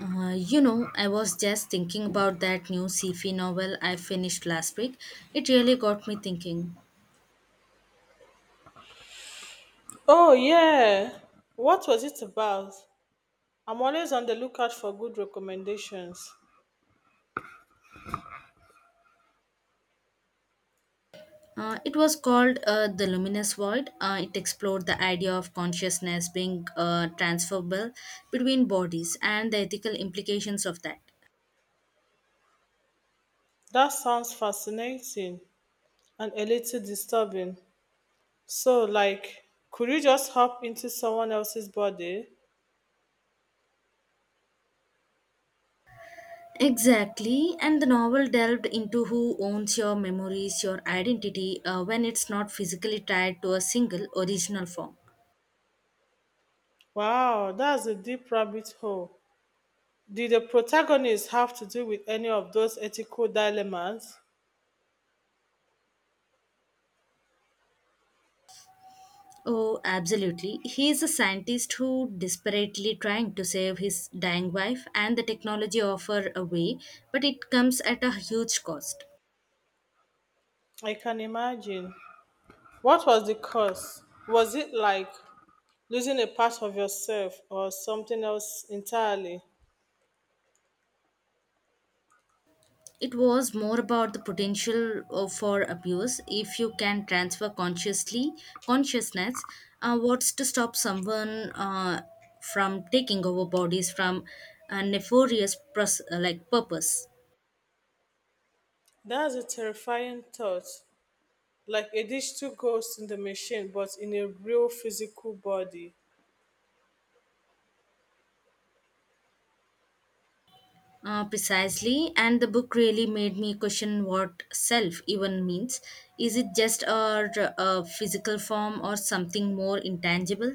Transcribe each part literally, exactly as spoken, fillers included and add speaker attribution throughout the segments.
Speaker 1: Uh, you know, I was just thinking about that new sci-fi novel I finished last week. It really got me thinking.
Speaker 2: Oh, yeah. What was it about? I'm always on the lookout for good recommendations.
Speaker 1: Uh, it was called uh, The Luminous Void. Uh, it explored the idea of consciousness being uh, transferable between bodies and the ethical implications of that.
Speaker 2: That sounds fascinating and a little disturbing. So, like, could you just hop into someone else's body?
Speaker 1: Exactly, and the novel delved into who owns your memories, your identity, uh, when it's not physically tied to a single original form.
Speaker 2: Wow, that's a deep rabbit hole. Did the protagonist have to do with any of those ethical dilemmas?
Speaker 1: Oh, absolutely. He is a scientist who desperately trying to save his dying wife and the technology offer a way, but it comes at a huge cost.
Speaker 2: I can imagine. What was the cause? Was it like losing a part of yourself or something else entirely?
Speaker 1: It was more about the potential of- for abuse if you can transfer consciously consciousness. Uh, what's to stop someone uh, from taking over bodies from a nefarious pros- uh, like purpose?
Speaker 2: That's a terrifying thought, like a digital ghost in the machine, but in a real physical body.
Speaker 1: Uh, precisely, and the book really made me question what self even means. Is it just a, a physical form or something more intangible?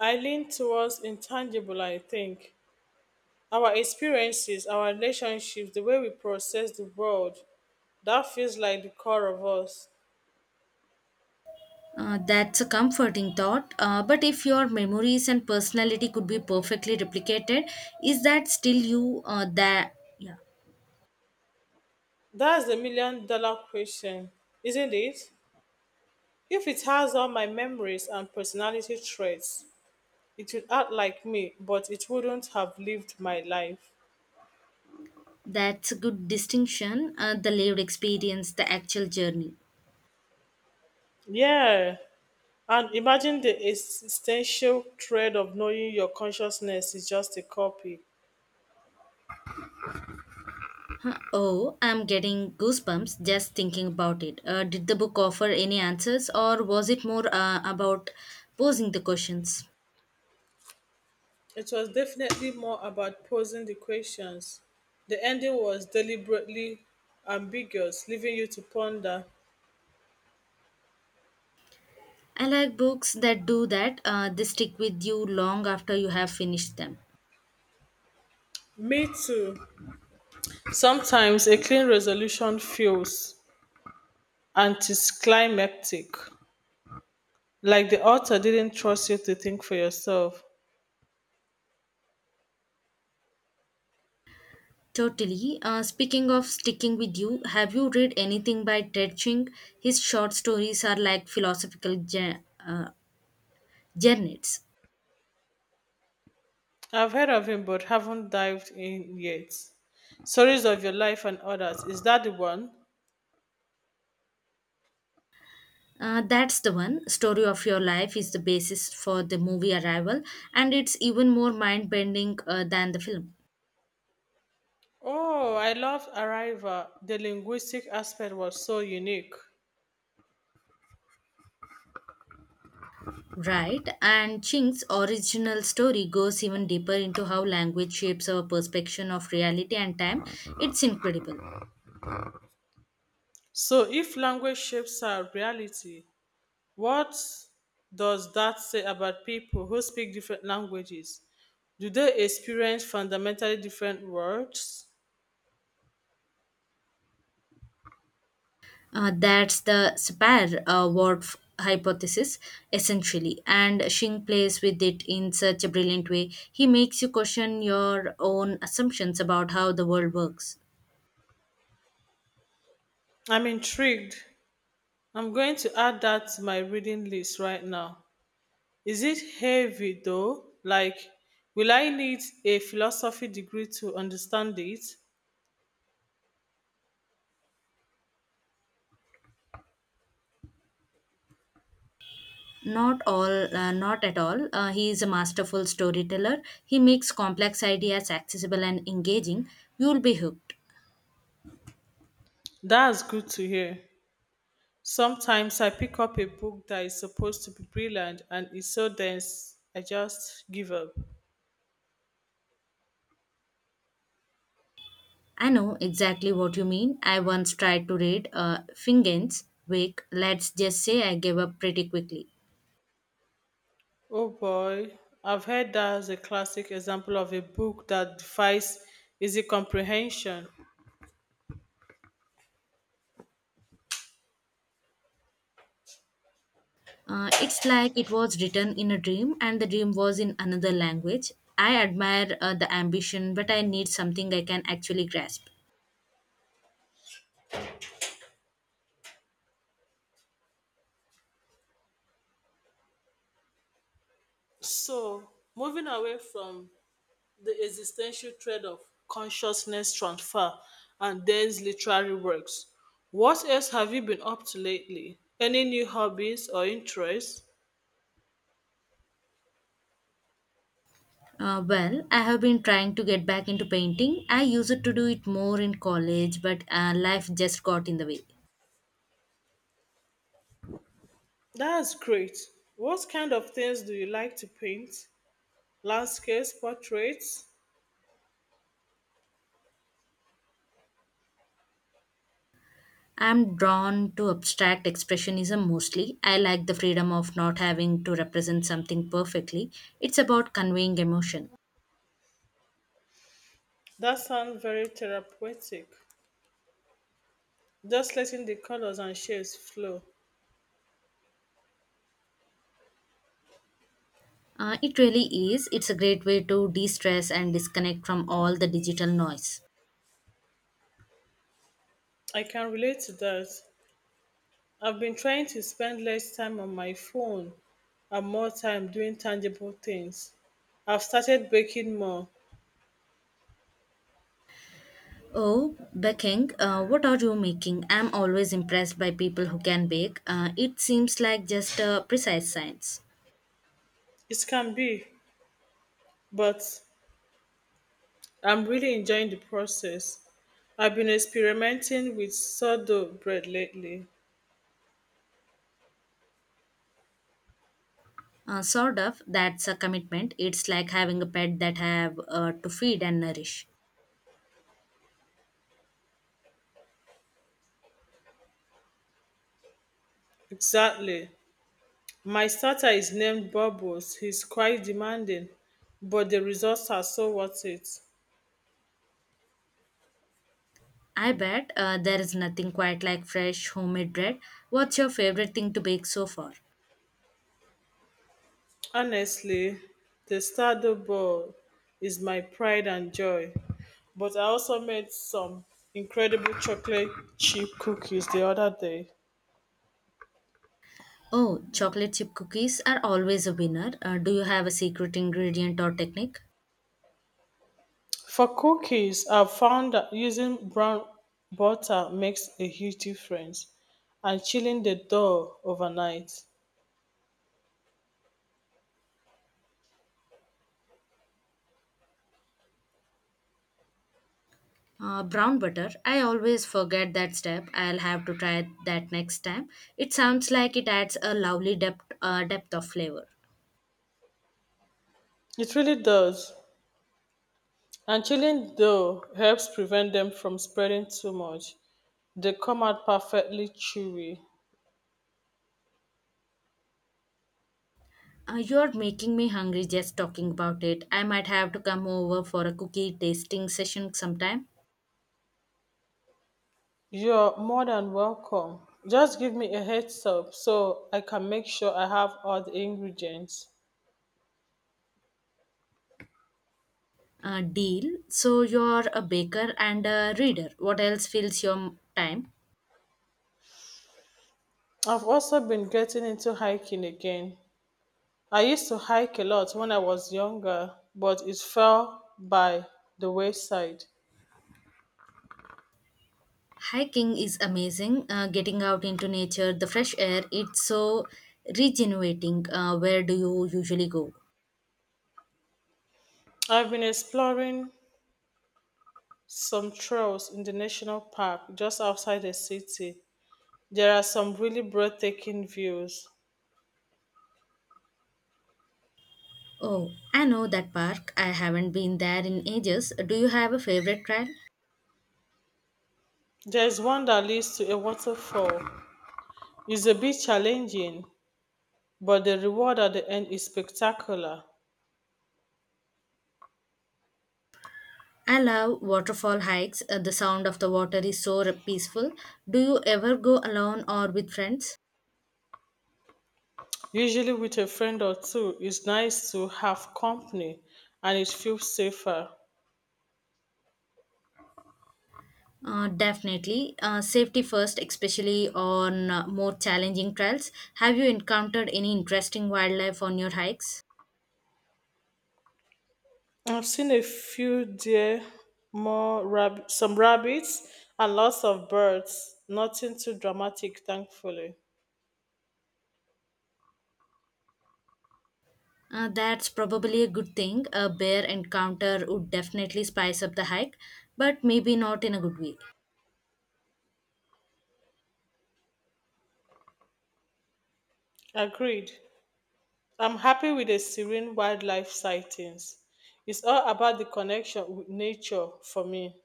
Speaker 2: I lean towards intangible, I think. Our experiences, our relationships, the way we process the world, that feels like the core of us.
Speaker 1: Uh, that's a comforting thought. Uh, but if your memories and personality could be perfectly replicated, is that still you? Uh, that Yeah,
Speaker 2: That's the million dollar question, isn't it? If it has all my memories and personality traits, it would act like me, but it wouldn't have lived my life.
Speaker 1: that's a good distinction. Uh, the lived experience, the actual journey.
Speaker 2: Yeah, and imagine the existential dread of knowing your consciousness is just a copy.
Speaker 1: Huh. Oh, I'm getting goosebumps just thinking about it. Uh, did the book offer any answers, or was it more uh, about posing the questions?
Speaker 2: It was definitely more about posing the questions. The ending was deliberately ambiguous, leaving you to ponder.
Speaker 1: I like books that do that, uh, they stick with you long after you have finished them.
Speaker 2: Me too. Sometimes a clean resolution feels anticlimactic, like the author didn't trust you to think for yourself.
Speaker 1: Totally. Uh, speaking of sticking with you, have you read anything by Ted Ching? His short stories are like philosophical jour- uh, journals.
Speaker 2: I've heard of him but haven't dived in yet. Stories of your life and others. Is that the one?
Speaker 1: Uh, that's the one. Story of Your Life is the basis for the movie Arrival, and it's even more mind bending uh, than the film.
Speaker 2: Oh, I loved Arrival. The linguistic aspect was so unique.
Speaker 1: Right, and Ching's original story goes even deeper into how language shapes our perception of reality and time. It's incredible.
Speaker 2: So, if language shapes our reality, what does that say about people who speak different languages? Do they experience fundamentally different worlds?
Speaker 1: Uh, that's the spare uh, word hypothesis, essentially, and Shing plays with it in such a brilliant way. He makes you question your own assumptions about how the world works.
Speaker 2: I'm intrigued. I'm going to add that to my reading list right now. Is it heavy though? Like, will I need a philosophy degree to understand it?
Speaker 1: Not all, uh, not at all. Uh, he is a masterful storyteller. He makes complex ideas accessible and engaging. You'll be hooked.
Speaker 2: That's good to hear. Sometimes I pick up a book that is supposed to be brilliant and is so dense I just give up.
Speaker 1: I know exactly what you mean. I once tried to read uh, Fingen's Wake. Let's just say I gave up pretty quickly.
Speaker 2: Oh boy, I've heard that as a classic example of a book that defies easy comprehension.
Speaker 1: Uh, it's like it was written in a dream, and the dream was in another language. I admire uh, the ambition, but I need something I can actually grasp.
Speaker 2: So, moving away from the existential thread of consciousness transfer and dense literary works, what else have you been up to lately? Any new hobbies or interests?
Speaker 1: Uh, well, I have been trying to get back into painting. I used to do it more in college, but uh, life just got in the way.
Speaker 2: That's great. What kind of things do you like to paint? Landscapes, portraits.
Speaker 1: I'm drawn to abstract expressionism mostly. I like the freedom of not having to represent something perfectly. It's about conveying emotion.
Speaker 2: That sounds very therapeutic. Just letting the colors and shapes flow.
Speaker 1: Uh, it really is. It's a great way to de stress and disconnect from all the digital noise.
Speaker 2: I can relate to that. I've been trying to spend less time on my phone and more time doing tangible things. I've started baking more.
Speaker 1: Oh, baking, uh, what are you making? I'm always impressed by people who can bake. Uh, it seems like just a precise science.
Speaker 2: It can be, but I'm really enjoying the process. I've been experimenting with sourdough bread lately.
Speaker 1: Uh, sort of. That's a commitment. It's like having a pet that I have uh, to feed and nourish.
Speaker 2: Exactly. My starter is named Bubbles. He's quite demanding, but the results are so worth it.
Speaker 1: I bet uh, there is nothing quite like fresh homemade bread. What's your favorite thing to bake so far?
Speaker 2: Honestly, the Stardew Ball is my pride and joy. But I also made some incredible chocolate chip cookies the other day.
Speaker 1: Oh, chocolate chip cookies are always a winner. Uh, do you have a secret ingredient or technique?
Speaker 2: For cookies, I've found that using brown butter makes a huge difference and chilling the dough overnight.
Speaker 1: Uh, brown butter. I always forget that step. I'll have to try that next time. It sounds like it adds a lovely depth, uh, depth of flavor.
Speaker 2: It really does. And chilling though helps prevent them from spreading too much. They come out perfectly chewy.
Speaker 1: Uh, you're making me hungry just talking about it. I might have to come over for a cookie tasting session sometime.
Speaker 2: You're more than welcome. Just give me a heads up so I can make sure I have all the ingredients.
Speaker 1: Uh, deal. So you're a baker and a reader. What else fills your m- time?
Speaker 2: I've also been getting into hiking again. I used to hike a lot when I was younger, but it fell by the wayside.
Speaker 1: Hiking is amazing. Uh, getting out into nature, the fresh air, it's so regenerating. Uh, where do you usually go?
Speaker 2: I've been exploring some trails in the national park just outside the city. There are some really breathtaking views.
Speaker 1: Oh, I know that park. I haven't been there in ages. Do you have a favorite trail?
Speaker 2: There's one that leads to a waterfall. It's a bit challenging, but the reward at the end is spectacular.
Speaker 1: I love waterfall hikes. Uh, the sound of the water is so re- peaceful. Do you ever go alone or with friends?
Speaker 2: Usually, with a friend or two, it's nice to have company and it feels safer.
Speaker 1: Uh, definitely. Uh, safety first, especially on uh, more challenging trails. Have you encountered any interesting wildlife on your hikes?
Speaker 2: I've seen a few deer, more rab- some rabbits, and lots of birds. Nothing too dramatic, thankfully.
Speaker 1: Uh, that's probably a good thing. A bear encounter would definitely spice up the hike, but maybe not in a good way.
Speaker 2: Agreed. I'm happy with the serene wildlife sightings. It's all about the connection with nature for me.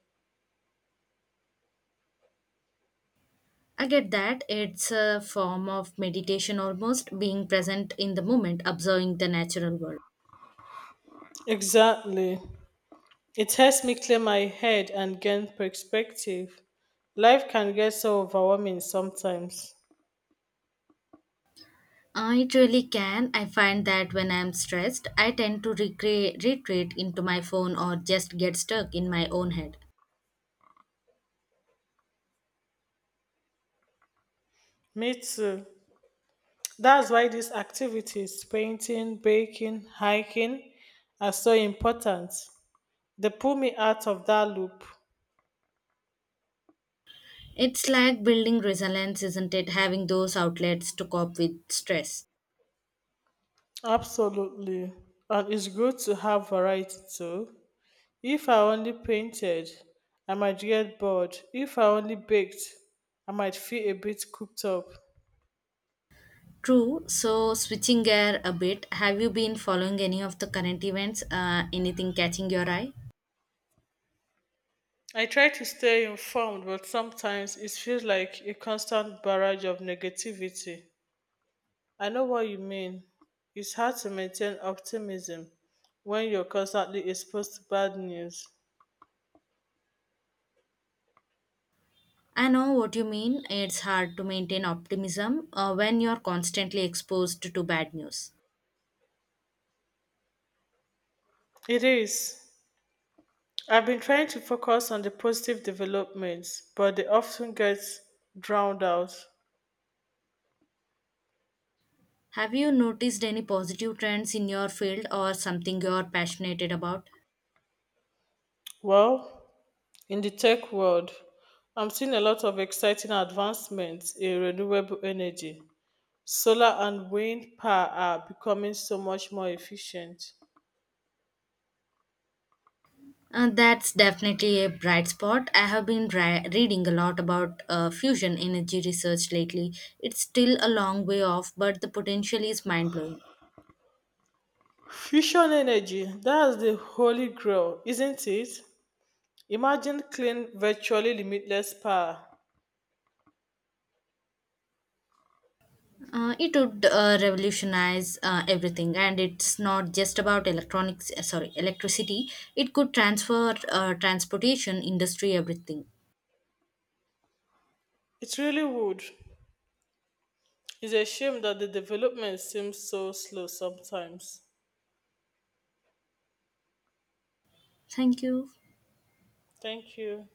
Speaker 1: I get that. It's a form of meditation almost, being present in the moment, observing the natural world.
Speaker 2: Exactly. It helps me clear my head and gain perspective. Life can get so overwhelming sometimes.
Speaker 1: I truly can. I find that when I'm stressed, I tend to recre- retreat into my phone or just get stuck in my own head.
Speaker 2: Me too. That's why these activities, painting, baking, hiking, are so important. They pull me out of that loop.
Speaker 1: It's like building resilience, isn't it? Having those outlets to cope with stress.
Speaker 2: Absolutely. And it's good to have variety too. If I only painted, I might get bored. If I only baked, I might feel a bit cooped up.
Speaker 1: True. So, switching gear a bit, have you been following any of the current events? Uh, anything catching your eye?
Speaker 2: I try to stay informed, but sometimes it feels like a constant barrage of negativity. I know what you mean. It's hard to maintain optimism when you're constantly exposed to bad news.
Speaker 1: I know what you mean. It's hard to maintain optimism uh, when you're constantly exposed to bad news.
Speaker 2: It is. I've been trying to focus on the positive developments, but they often get drowned out.
Speaker 1: Have you noticed any positive trends in your field or something you're passionate about?
Speaker 2: Well, in the tech world, I'm seeing a lot of exciting advancements in renewable energy. Solar and wind power are becoming so much more efficient.
Speaker 1: Uh, that's definitely a bright spot. I have been ri- reading a lot about uh, fusion energy research lately. It's still a long way off, but the potential is mind blowing.
Speaker 2: Fusion energy, that's the holy grail, isn't it? Imagine clean, virtually limitless power.
Speaker 1: Uh, it would uh, revolutionize uh, everything, and it's not just about electronics. Uh, sorry, electricity. It could transfer uh, transportation, industry, everything.
Speaker 2: It really would. It's a shame that the development seems so slow sometimes.
Speaker 1: Thank you.
Speaker 2: Thank you.